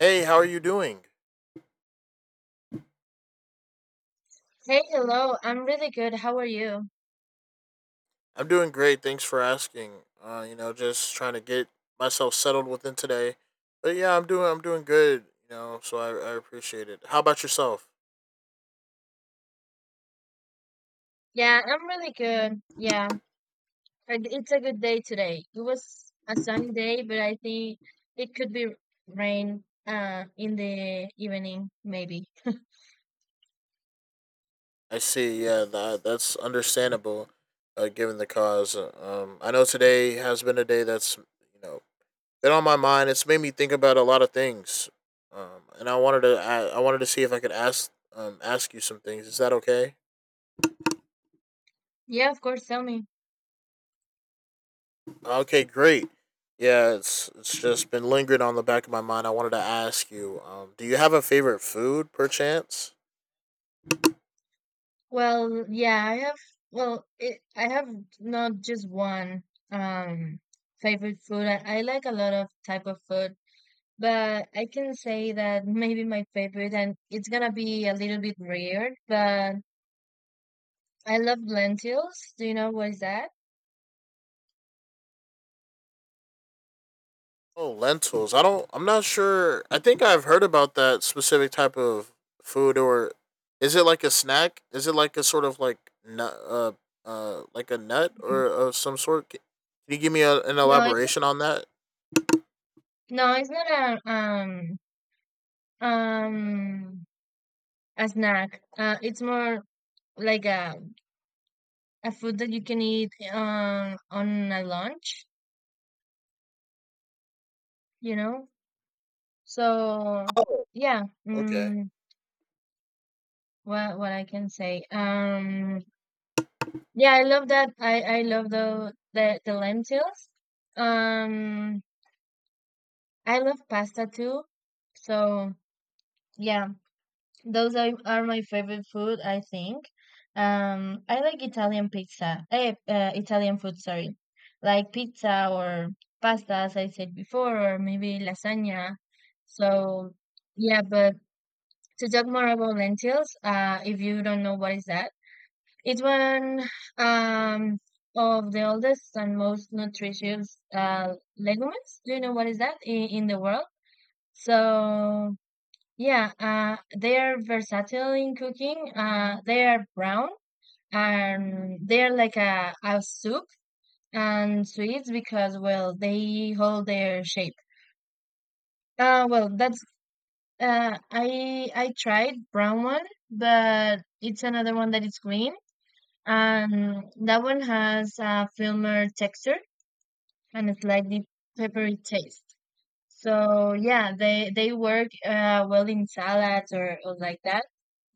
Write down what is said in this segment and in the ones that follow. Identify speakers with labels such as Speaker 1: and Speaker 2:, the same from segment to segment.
Speaker 1: Hey, how are you doing?
Speaker 2: Hey, hello. I'm really good. How are you?
Speaker 1: I'm doing great. Thanks for asking. You know, just trying to get myself settled within today. But yeah, I'm doing good, you know, so I appreciate it. How about yourself?
Speaker 2: Yeah, I'm really good. Yeah, and it's a good day today. It was a sunny day, but I think it could be rain in the evening maybe.
Speaker 1: I see. Yeah, that's understandable given the cause. I know today has been a day that's, you know, been on my mind. It's made me think about a lot of things. And I wanted to see if I could ask you some things. Is that okay?
Speaker 2: Yeah, of course, tell me.
Speaker 1: Okay, great. Yeah, it's just been lingering on the back of my mind. I wanted to ask you, do you have a favorite food, perchance?
Speaker 2: Well, yeah, I have not just one um favorite food. I like a lot of type of food, but I can say that maybe my favorite and it's gonna be a little bit weird, but I love lentils. Do you know what is that?
Speaker 1: Oh, lentils. I don't. I'm not sure. I think I've heard about that specific type of food, or is it like a snack? Is it like a sort of like nut, like a nut
Speaker 2: Mm.
Speaker 1: or of some sort? Can you give me an
Speaker 2: No, it's not,
Speaker 1: elaboration on that?
Speaker 2: no, it's not a um a snack. It's more like a food that you can eat on a lunch. You know. So
Speaker 1: Oh,
Speaker 2: yeah.
Speaker 1: okay.
Speaker 2: What I can say? Yeah, I love that. I love the lentils. Um. I love pasta too. So yeah. Those are my favorite food, I think. I like Italian pizza. Italian food, sorry. Like pizza or pasta, as I said before, or maybe lasagna. So, yeah, but to talk more about lentils, if you don't know what is that, it's one um of the oldest and most nutritious legumes. Do you know what is that in the world? So yeah, they are versatile in cooking. They are brown and they are like a soup and sweets because well they hold their shape. Well that's I tried brown one, but it's another one that is green and that one has a firmer texture and a slightly peppery taste. So yeah, they work well in salads or like that.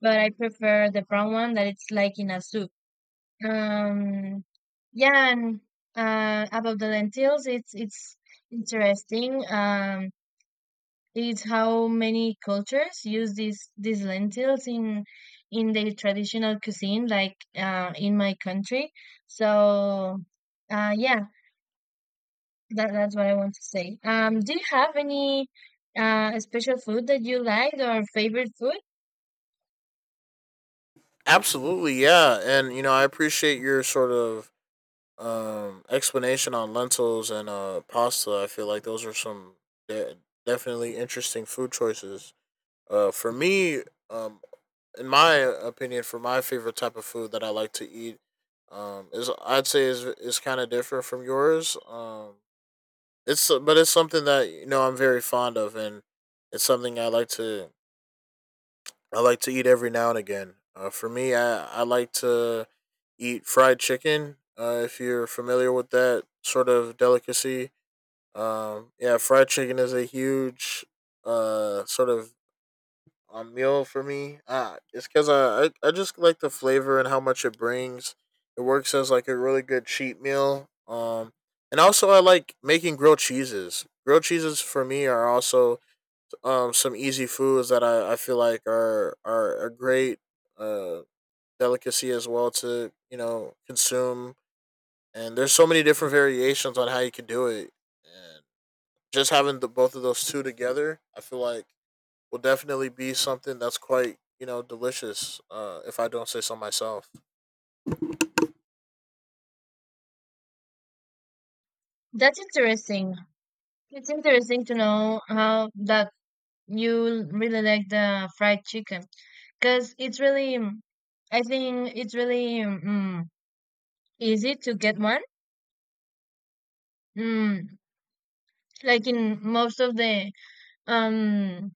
Speaker 2: But I prefer the brown one that it's like in a soup. Um, yeah, and about the lentils, it's interesting. It's how many cultures use these lentils in their traditional cuisine, like in my country. So, yeah. That's what I want to say. Do you have any special food that you like, or favorite food?
Speaker 1: Absolutely, yeah. And you know, I appreciate your sort of explanation on lentils and pasta. I feel like those are some de- definitely interesting food choices for me um in my opinion. For my favorite type of food that I like to eat is I'd say is kind of different from yours it's something that you know I'm very fond of, and it's something I like to eat every now and again. For me, I like to eat fried chicken. If you're familiar with that sort of delicacy, yeah, fried chicken is a huge sort of meal for me. Ah, it's because I just like the flavor and how much it brings. It works as like a really good cheat meal. And also, I like making grilled cheeses. Grilled cheeses for me are also some easy foods that I feel like are a great uh delicacy as well to you know consume, and there's so many different variations on how you can do it, and just having the both of those two together I feel like will definitely be something that's quite you know delicious if I don't say so myself.
Speaker 2: That's interesting. It's interesting to know how that you really like the fried chicken because it's really, I think it's really easy to get one. Mm, like in most of the um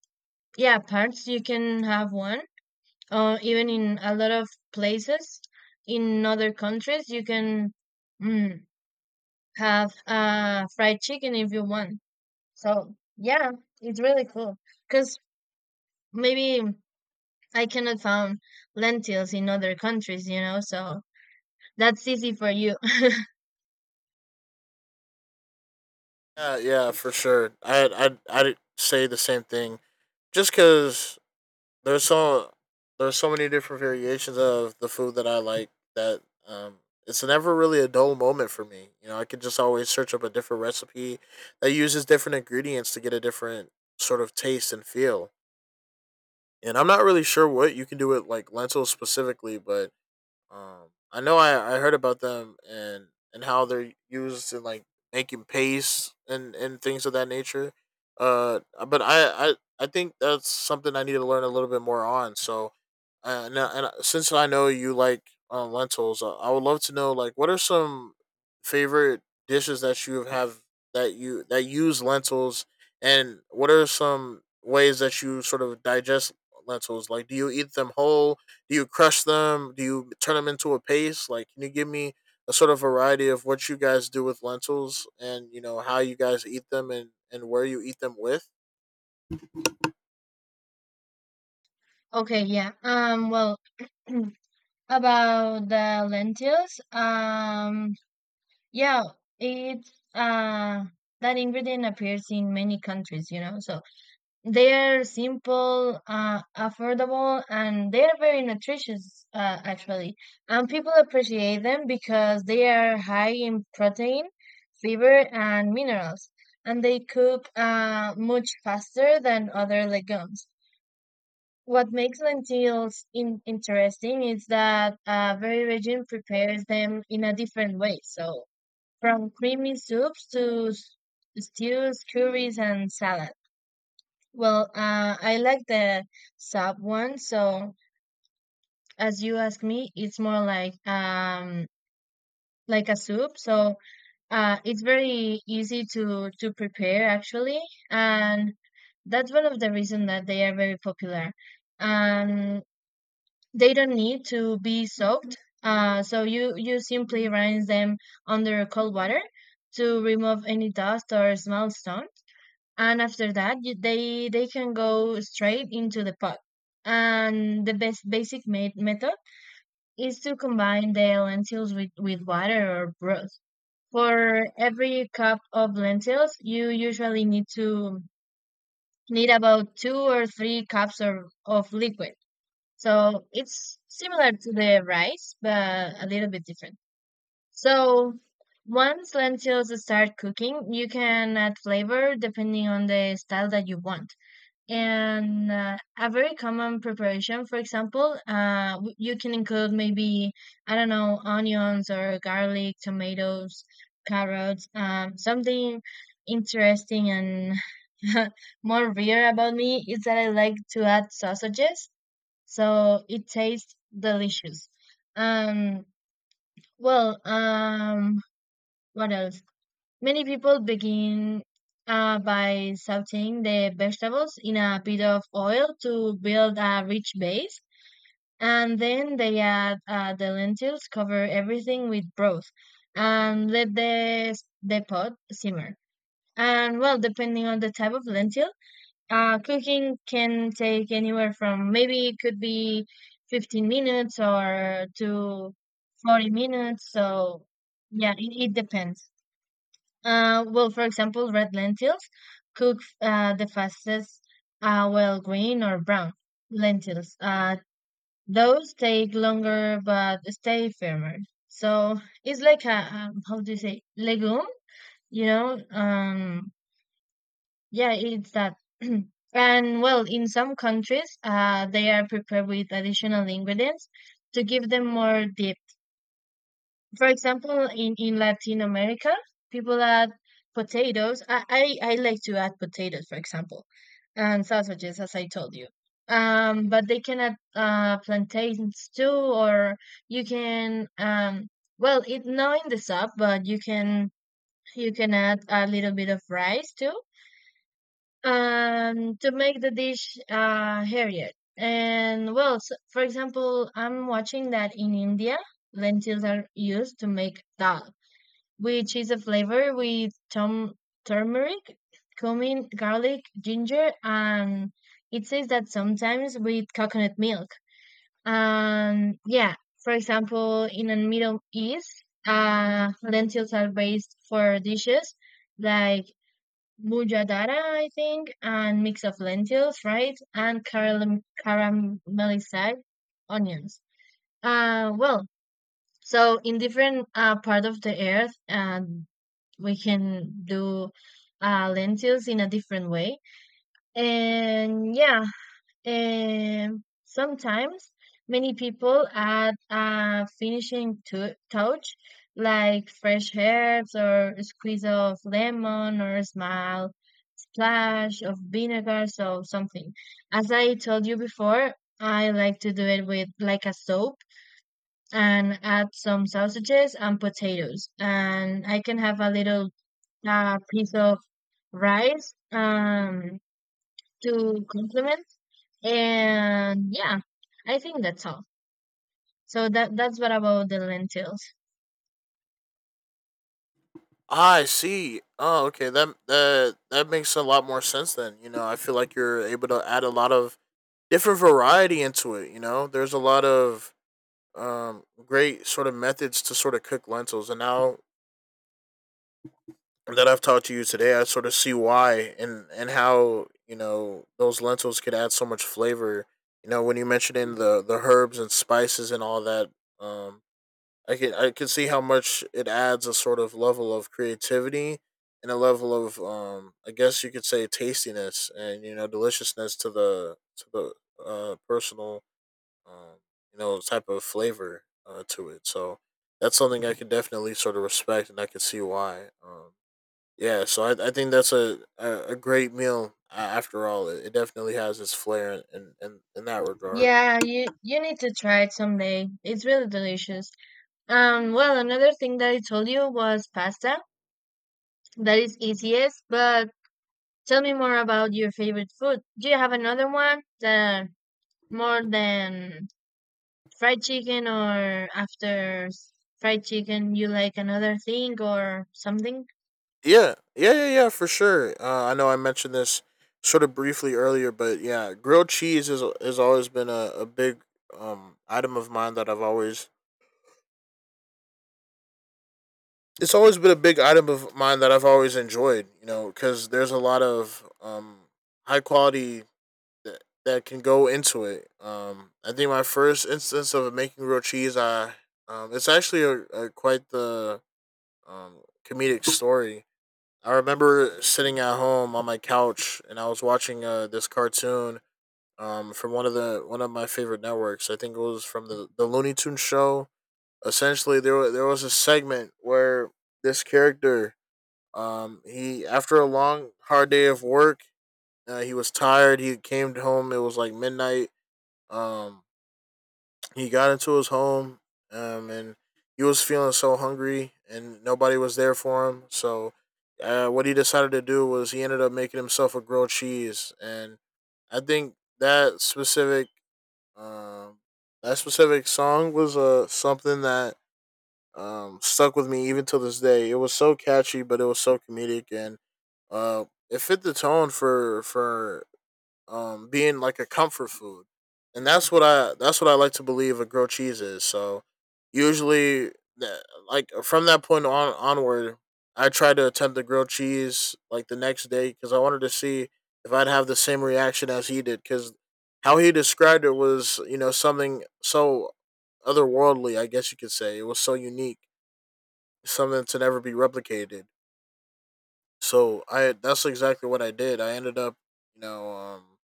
Speaker 2: yeah parts you can have one, or even in a lot of places in other countries you can. Mm, have fried chicken if you want. So yeah, it's really cool because maybe I cannot find lentils in other countries, you know. So that's easy for you.
Speaker 1: Yeah, yeah, for sure. I'd say the same thing just because There's so there's so many different variations of the food that I like that um it's never really a dull moment for me. You know, I can just always search up a different recipe that uses different ingredients to get a different sort of taste and feel. And I'm not really sure what you can do with like lentils specifically, but I, know I heard about them and how they're used in like making paste and things of that nature. Uh, but I think that's something I need to learn a little bit more on. So, and since I know you like lentils, I would love to know like what are some favorite dishes that you have that use lentils, and what are some ways that you sort of digest lentils? Like, do you eat them whole? Do you crush them? Do you turn them into a paste? Like, can you give me a sort of variety of what you guys do with lentils, and you know how you guys eat them and where you eat them with?
Speaker 2: Okay, yeah. Well, about the lentils, yeah, it's that ingredient appears in many countries, you know. So they're simple, affordable, and they're very nutritious, actually. And people appreciate them because they are high in protein, fiber, and minerals, and they cook much faster than other legumes. What makes lentils interesting is that very region prepares them in a different way. So, from creamy soups to stews, curries, and salads. Well, I like the sub one. So, as you ask me, it's more like a soup. So, it's very easy to prepare actually, and that's one of the reasons that they are very popular. Um, they don't need to be soaked. So you simply rinse them under cold water to remove any dust or small stone. And after that, they can go straight into the pot, and the best basic method is to combine the lentils with water or broth. For every cup of lentils you usually need about two or three cups of liquid, so it's similar to the rice but a little bit different. So once lentils start cooking, you can add flavor depending on the style that you want. And a very common preparation, for example, you can include, maybe, I don't know, onions or garlic, tomatoes, carrots, something interesting. And more rare about me is that I like to add sausages, so it tastes delicious. um, well, what else? Many people begin by sauteing the vegetables in a bit of oil to build a rich base, and then they add the lentils, cover everything with broth, and let the pot simmer. And well, depending on the type of lentil, cooking can take anywhere from, maybe it could be, 15 minutes or to 40 minutes. So yeah, it depends. Well, for example, red lentils cook the fastest, while green or brown lentils, those take longer but stay firmer. So it's like a, how do you say, legume, you know? Yeah, it's that. And well, in some countries, they are prepared with additional ingredients to give them more depth. For example, in Latin America, people add potatoes. I like to add potatoes, for example, and sausages, as I told you. But they can add plantains too. Or you can, well, it not in the soup, but you can add a little bit of rice too, to make the dish heavier. And well, s for example, I'm watching that in India, lentils are used to make dal, which is a flavor with tom turmeric, cumin, garlic, ginger, and it says that sometimes with coconut milk. And yeah, for example, in the Middle East, lentils are based for dishes like mujadara, I think, and mix of lentils, right, and caramelized onions. Well, so in different part of the earth, we can do lentils in a different way. And yeah, and sometimes many people add a finishing touch, like fresh herbs or a squeeze of lemon or a small splash of vinegar, so something. As I told you before, I like to do it with like a soap and add some sausages and potatoes. And I can have a little piece of rice to complement. And yeah, I think that's all. So that's what about the lentils.
Speaker 1: Ah, I see. Oh, okay. That makes a lot more sense then. You know, I feel like you're able to add a lot of different variety into it. You know, there's a lot of great sort of methods to sort of cook lentils, and now that I've taught you today, I sort of see why and how you know those lentils could add so much flavor. You know, when you mentioned in the herbs and spices and all that, um, I can see how much it adds a sort of level of creativity, and a level of I guess you could say tastiness and you know deliciousness to the personal um you know type of flavor to it. So that's something I could definitely sort of respect and I could see why. Yeah, so I think that's a great meal after all. It definitely has its flair in that regard.
Speaker 2: Yeah, you need to try it someday, it's really delicious. Well, another thing that I told you was pasta, that is easiest. But tell me more about your favorite food. Do you have another one that, more than fried chicken, or after fried chicken, you like another thing or something?
Speaker 1: Yeah, for sure. I know I mentioned this sort of briefly earlier, but yeah, grilled cheese is, has always been a big item of mine that I've always. It's always been a big item of mine that I've always enjoyed, you know, because there's a lot of high quality that that can go into it. I think my first instance of making real cheese, I it's actually a quite the comedic story. I remember sitting at home on my couch and I was watching this cartoon from one of my favorite networks. I think it was from the Looney Tunes show. Essentially, there was a segment where this character, he after a long hard day of work, he was tired. He came home. It was like midnight um, he got into his home, and he was feeling so hungry, and nobody was there for him. So, what he decided to do was he ended up making himself a grilled cheese, and I think that um, that specific song was something that stuck with me even till this day. It was so catchy, but it was so comedic, and it fit the tone for being like a comfort food, and that's what I like to believe a grilled cheese is. So usually, that, like from that point on onward, I tried to attempt the grilled cheese like the next day because I wanted to see if I'd have the same reaction as he did. Because how he described it was, you know, something so otherworldly, I guess you could say. It was so unique, something to never be replicated. So I that's exactly what I did. I ended up, you know,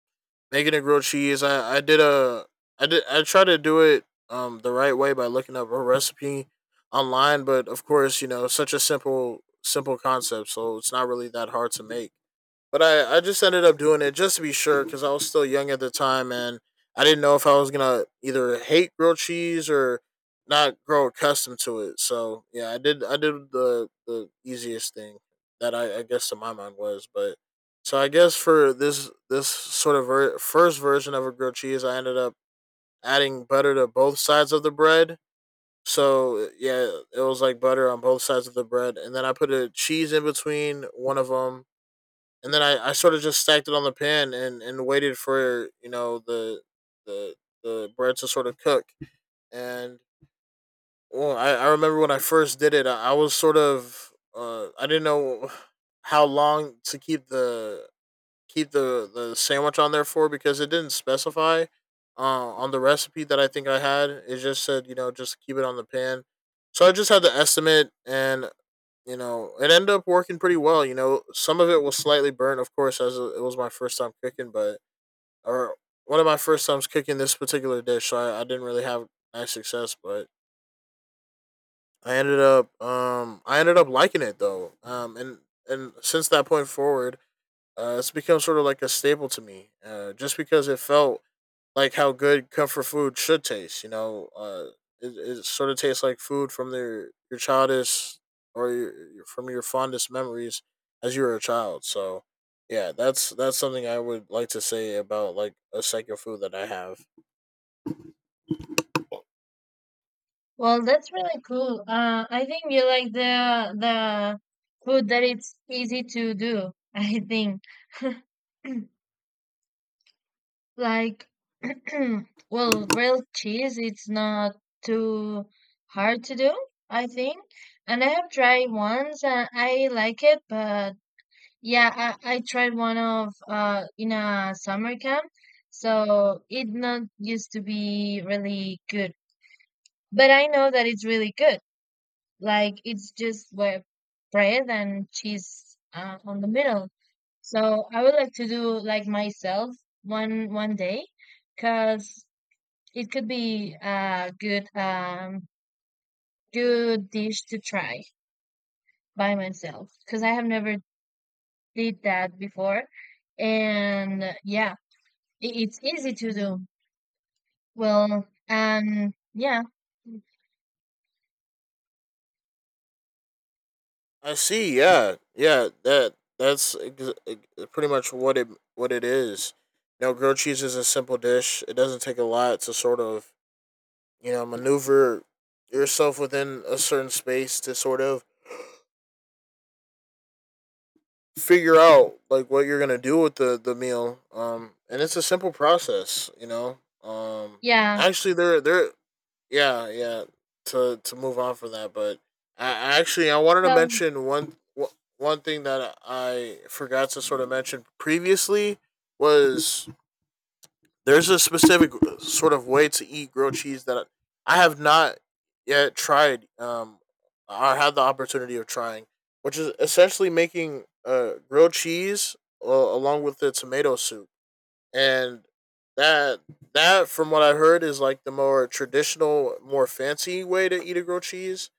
Speaker 1: making a grilled cheese. I did a I did I try to do it the right way by looking up a recipe online, but of course you know such a simple concept, so it's not really that hard to make. But I just ended up doing it just to be sure because I was still young at the time, and I didn't know if I was gonna either hate grilled cheese or not grow accustomed to it. So yeah, I did the easiest thing that I guess to my mind was. But so I guess for this first version of a grilled cheese, I ended up adding butter to both sides of the bread. So yeah, it was like butter on both sides of the bread, and then I put a cheese in between one of them, and then I sort of just stacked it on the pan, and waited for you know the the bread to sort of cook. And well, I remember when I first did it, I was sort of I didn't know how long to keep the sandwich on there for because it didn't specify on the recipe that I think I had. It just said you know just keep it on the pan, so I just had to estimate, and you know, it ended up working pretty well. You know, some of it was slightly burnt, of course, as it was my first time cooking, but or one of my first times cooking this particular dish, so I didn't really have nice success. But I ended up liking it though, and since that point forward, it's become sort of like a staple to me, just because it felt like how good comfort food should taste. You know, it, it sort of tastes like food from their your childish or from your fondest memories as you were a child. So yeah, that's something I would like to say about like a second food that I have.
Speaker 2: Well, that's really cool. I think you like the food that it's easy to do. I think like well, real cheese it's not too hard to do, I think. And I have tried once and I like it, but yeah, I tried one of in a summer camp, so it not used to be really good. But I know that it's really good. Like it's just with bread and cheese on the middle. So I would like to do like myself one day, cause it could be a good good dish to try by myself, cause I have never did that before, and yeah, it's easy to do. Well, and yeah,
Speaker 1: I see. Yeah, yeah. That's pretty much what it is. You know, grilled cheese is a simple dish. It doesn't take a lot to sort of you know maneuver yourself within a certain space to sort of figure out like what you're gonna do with the meal. And it's a simple process, you know.
Speaker 2: yeah.
Speaker 1: Actually, there there Yeah, yeah, to move on from that, but I actually I wanted to
Speaker 2: So
Speaker 1: mention one thing that I forgot to sort of mention previously. Was there's a specific sort of way to eat grilled cheese that I have not yet tried, or had the opportunity of trying, which is essentially making grilled cheese along with the tomato soup. And that that, from what I heard, is like the more traditional, more fancy way to eat a grilled cheese,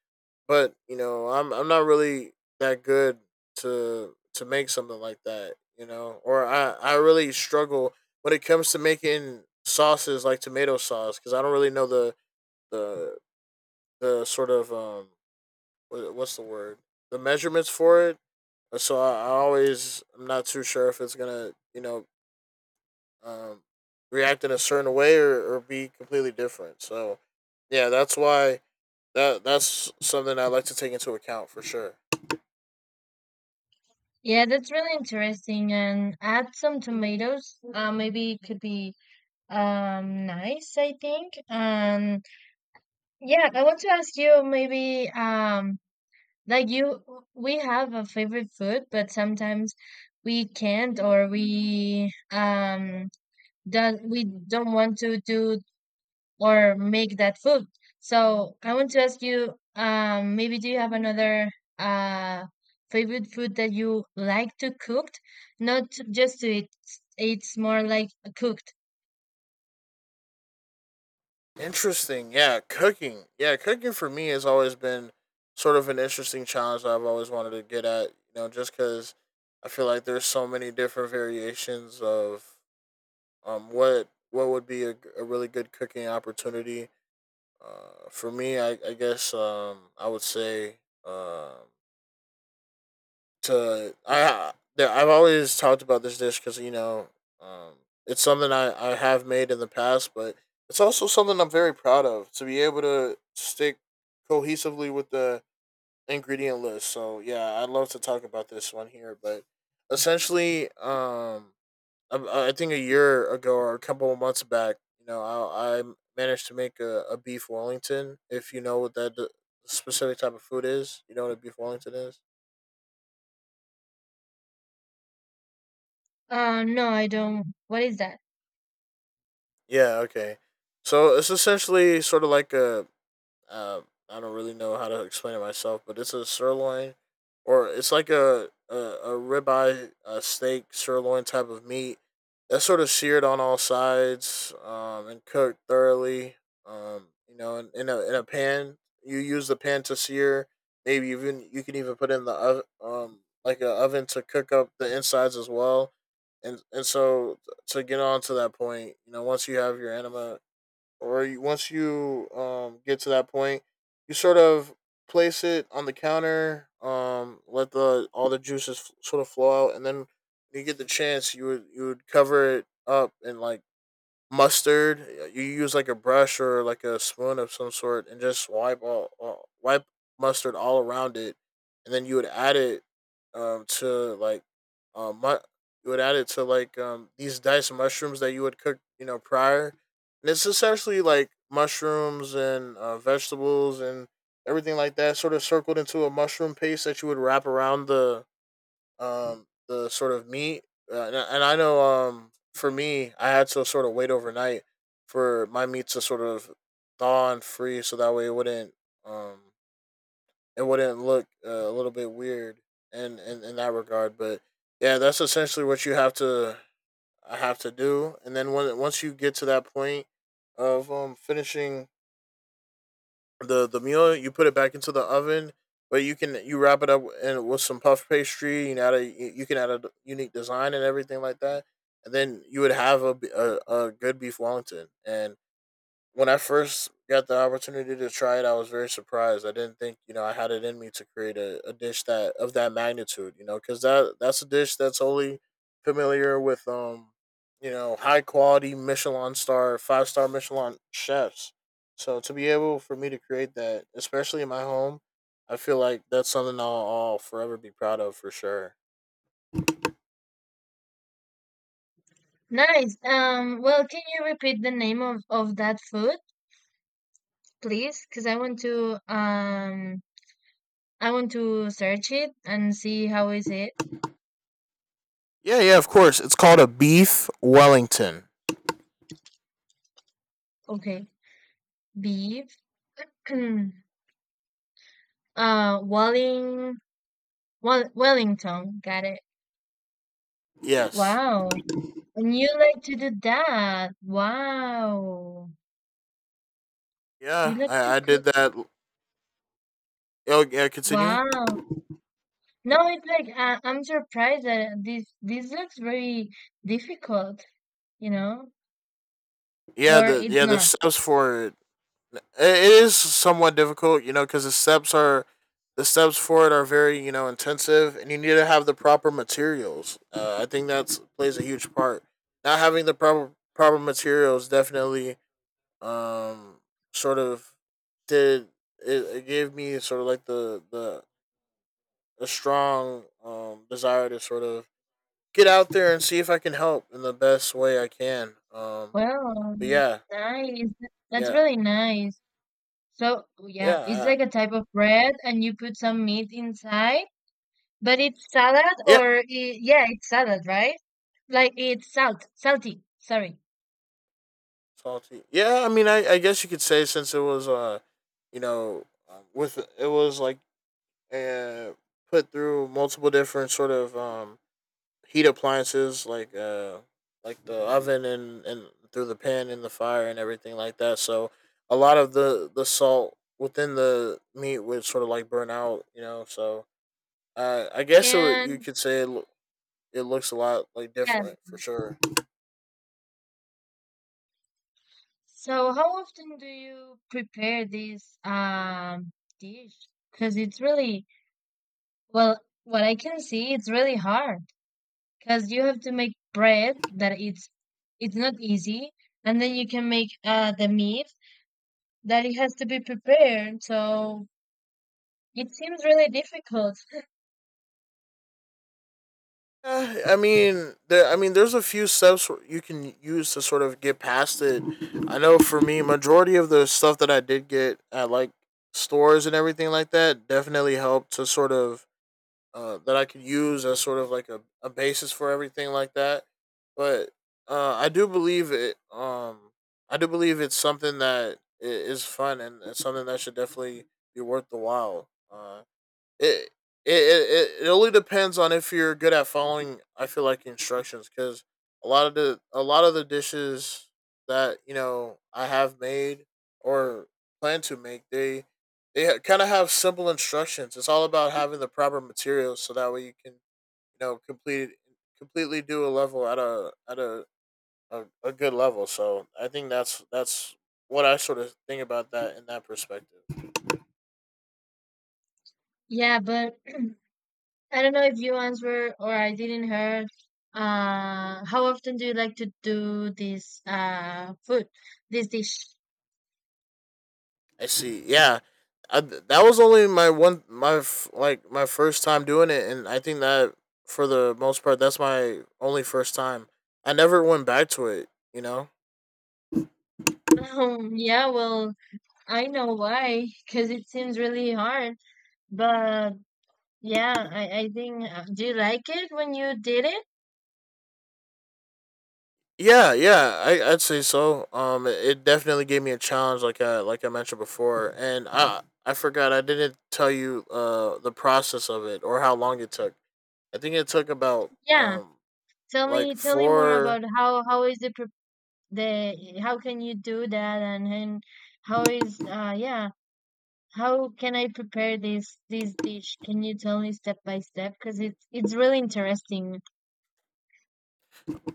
Speaker 1: but you know, I'm not really that good to make something like that, you know. Or I really struggle when it comes to making sauces like tomato sauce, because I don't really know the the sort of wha- what's the word, the measurements for it. So I always, I'm not too sure if it's gonna, you know, um react in a certain way, or be completely different. So yeah, that's why that's something I like to take into account for sure.
Speaker 2: yeah, that's really interesting. And add some tomatoes. Maybe it could be nice, I think. And yeah, I want to ask you, maybe, like you, we have a favorite food but sometimes we can't, or we don't want to do or make that food. So I want to ask you, maybe do you have another uh favorite food that you like to cook, not just to eat, it's more like cooked?
Speaker 1: Interesting. Yeah, cooking. Yeah, cooking for me has always been sort of an interesting challenge that I've always wanted to get at, you know, just because I feel like there's so many different variations of what would be a, a really good cooking opportunity. For me, I guess, I would say, um, I've always talked about this dish because, you know, um, it's something I have made in the past, but it's also something I'm very proud of to be able to stick cohesively with the ingredient list. So yeah, I'd love to talk about this one here. But essentially, I think a year ago or a couple of months back, you know, I managed to make a beef Wellington. If you know what that specific type of food is, you know what a beef Wellington is.
Speaker 2: No, I don't. What is that?
Speaker 1: Yeah, okay. So it's essentially sort of like a, uh, I don't really know how to explain it myself, but it's a sirloin, or it's like a ribeye, a steak sirloin type of meat that's sort of seared on all sides, and cooked thoroughly. You know, in a pan, you use the pan to sear. Maybe even you can even put in the like an oven to cook up the insides as well. And so to get on to that point, you know, once you have your anima, or you, once you get to that point, you sort of place it on the counter, let the all the juices sort of flow out, and then when you get the chance, you would cover it up and like mustard. You use like a brush or like a spoon of some sort, and just wipe all wipe mustard all around it, and then you would add it to like, um mu- you would add it to like these diced mushrooms that you would cook, you know, prior, and it's essentially like mushrooms and, vegetables and everything like that, sort of circled into a mushroom paste that you would wrap around the sort of meat. And I know, for me I had to sort of wait overnight for my meat to sort of thaw and free so that way it wouldn't, um it wouldn't look, a little bit weird in, in that regard. But yeah, that's essentially what you have to, I have to do. And then when once you get to that point of finishing the meal, you put it back into the oven, but you can you wrap it up and with some puff pastry. You know, add a, you can add a unique design and everything like that, and then you would have a good beef Wellington. And when I first got the opportunity to try it, I was very surprised. I didn't think, you know, I had it in me to create a dish that of that magnitude. You know, because that that's a dish that's only familiar with, you know, high quality Michelin star, five-star Michelin chefs. So to be able for me to create that, especially in my home, I feel like that's something I'll forever be proud of for sure.
Speaker 2: Nice. Well, can you repeat the name of that food, please? Because I want to search it and see how is it.
Speaker 1: Yeah, yeah, of course. It's called a beef Wellington.
Speaker 2: Okay. Beef. Walling Well Wellington. Got it.
Speaker 1: Yes.
Speaker 2: Wow. And you like to do that. Wow. You
Speaker 1: Yeah,
Speaker 2: like to
Speaker 1: I
Speaker 2: cook.
Speaker 1: did that. Oh, yeah, continue.
Speaker 2: Wow. No, it's like I'm surprised that this looks very difficult, you know? Or it's
Speaker 1: Yeah the
Speaker 2: not.
Speaker 1: steps for it, it is somewhat difficult, you know, because the steps for it are very, you know, intensive, and you need to have the proper materials. I think that's plays a huge part. Not having the proper proper materials definitely, um sort of did, it gave me sort of like the a strong desire to sort of get out there and see if I can help in the best way I can.
Speaker 2: Well,
Speaker 1: But yeah,
Speaker 2: nice. That's
Speaker 1: yeah,
Speaker 2: really nice. So, yeah, it's
Speaker 1: yeah.
Speaker 2: like
Speaker 1: I,
Speaker 2: a type of bread and you put some meat inside, but it's salad
Speaker 1: yeah,
Speaker 2: or I yeah, it's salad, right? Like it's salty, sorry.
Speaker 1: Salty. Yeah, I mean, I guess you could say, since it was, you know, with it was like, uh put through multiple different sort of heat appliances like, like the oven and through the pan and the fire and everything like that. So a lot of the salt within the meat would sort of like burn out, you know. So, I guess it, you
Speaker 2: And
Speaker 1: could say it, it looks a lot like
Speaker 2: yeah,
Speaker 1: different for sure.
Speaker 2: so how often do you prepare this dish? Because it's really, well, what I can see, it's really hard because you have to make bread that it's not easy, and then you can make the meat that it has to be prepared. So it seems really difficult.
Speaker 1: Yeah, I mean, there. I mean, there's a few steps you can use to sort of get past it. I know for me, majority of the stuff that I did get at like stores and everything like that definitely helped to sort of, that I could use as sort of like a basis for everything like that. But, I do believe it. I do believe it's something that is fun and it's something that should definitely be worth the while. It, it only depends on if you're good at following. I feel like instructions, because a lot of the dishes that, you know, I have made or plan to make, they kind of have simple instructions. It's all about having the proper materials, so that way you can, you know, complete completely do a level at a good level. So I think that's what I sort of think about that in that perspective.
Speaker 2: Yeah, but I don't know if you answer or I didn't heard. How often do you like to do this food, this dish?
Speaker 1: I see. Yeah, I, that was only my one my like my first time doing it, and I think that for the most part, that's my only first time. I never went back to it. You know.
Speaker 2: Yeah, well, I know why, because it seems really hard. But yeah, I think, do you like it when you did it?
Speaker 1: Yeah, yeah, I I'd say so. It, it definitely gave me a challenge, like I mentioned before, and I forgot I didn't tell you, the process of it or how long it took. I think it took about
Speaker 2: Yeah, tell me
Speaker 1: like
Speaker 2: tell me more about
Speaker 1: four.
Speaker 2: how is the pre- the how can you do that, and how is yeah how can I prepare this dish? Can you tell me step by step? Because it's really interesting.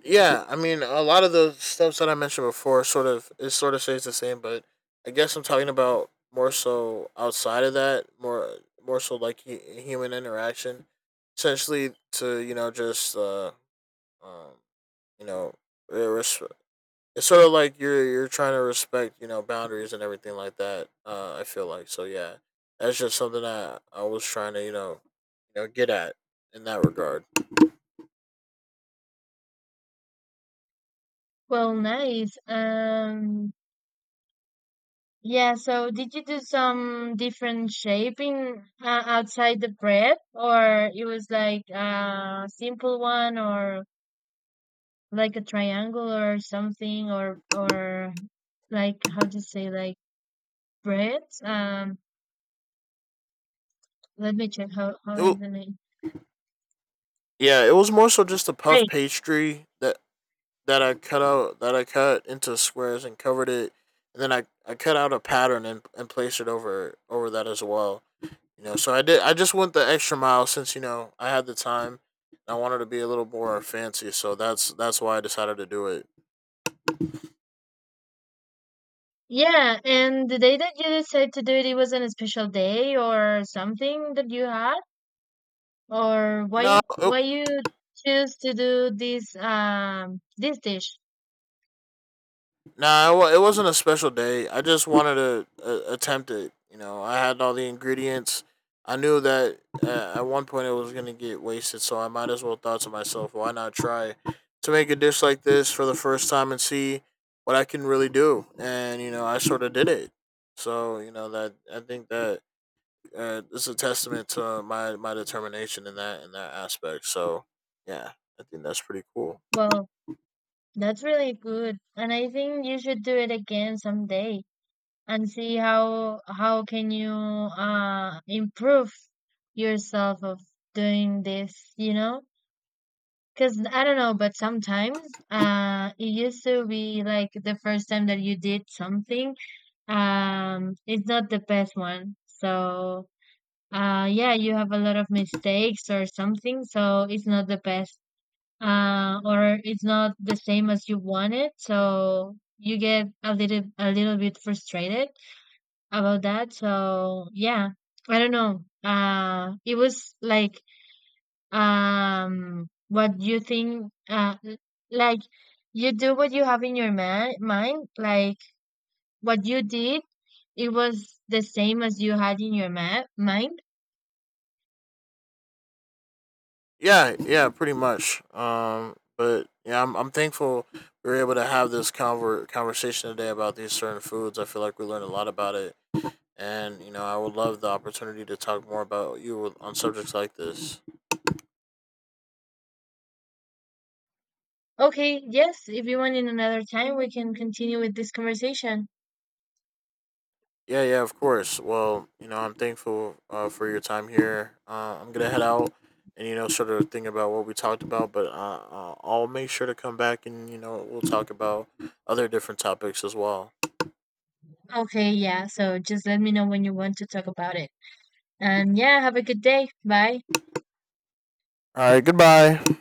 Speaker 1: Yeah, I mean, a lot of the steps that I mentioned before sort of it sort of stays the same, but I guess I'm talking about more so outside of that, more more so like, human interaction, essentially to, you know, just, um, you know, re- res- it's sort of like you're trying to respect, you know, boundaries and everything like that. I feel like so yeah, that's just something that I was trying to, you know, you know get at in that regard.
Speaker 2: Well, nice. Yeah. So, did you do some different shaping outside the bread, or it was like a simple one, or like a triangle, or something, or like how to say like bread? Let me check how
Speaker 1: It,
Speaker 2: is the name.
Speaker 1: yeah, it was more so just a puff pastry that that I cut out, that I cut into squares and covered it, and then I cut out a pattern and placed it over over that as well. You know, so I did. I just went the extra mile since, you know, I had the time. I wanted to be a little more fancy, so that's why I decided to do it.
Speaker 2: Yeah, and the day that you decided to do it, it wasn't a special day or something that you had, or why
Speaker 1: No,
Speaker 2: why you choose to do this dish?
Speaker 1: Nah, it, wasn't a special day. I just wanted to, attempt it. You know, I had all the ingredients. I knew that, at one point it was going to get wasted, so I might as well thought to myself, why not try to make a dish like this for the first time and see what I can really do? And, you know, I sort of did it. So, you know, that I think that, it's a testament to my, my determination in that aspect. So, yeah, I think that's pretty cool.
Speaker 2: Well, that's really good, and I think you should do it again someday and see how can you improve yourself of doing this, you know? Because I don't know, but sometimes it used to be like the first time that you did something, it's not the best one. So, yeah, you have a lot of mistakes or something, so it's not the best, or it's not the same as you wanted. So you get a little bit frustrated about that. So yeah, I don't know. It was like, what you think? Like, you do what you have in your mind, like what you did, it was the same as you had in your mind.
Speaker 1: Yeah, yeah, pretty much. But yeah, I'm thankful we were able to have this conversation today about these certain foods. I feel like we learned a lot about it, and you know, I would love the opportunity to talk more about you on subjects like this.
Speaker 2: Okay, yes, if you want in another time we can continue with this conversation.
Speaker 1: Yeah, yeah, of course. Well, you know, I'm thankful, for your time here. I'm gonna head out and, you know, sort of think about what we talked about, but, I'll make sure to come back and, you know, we'll talk about other different topics as well.
Speaker 2: Okay, yeah, so just let me know when you want to talk about it. And yeah, have a good day. Bye.
Speaker 1: All right, goodbye.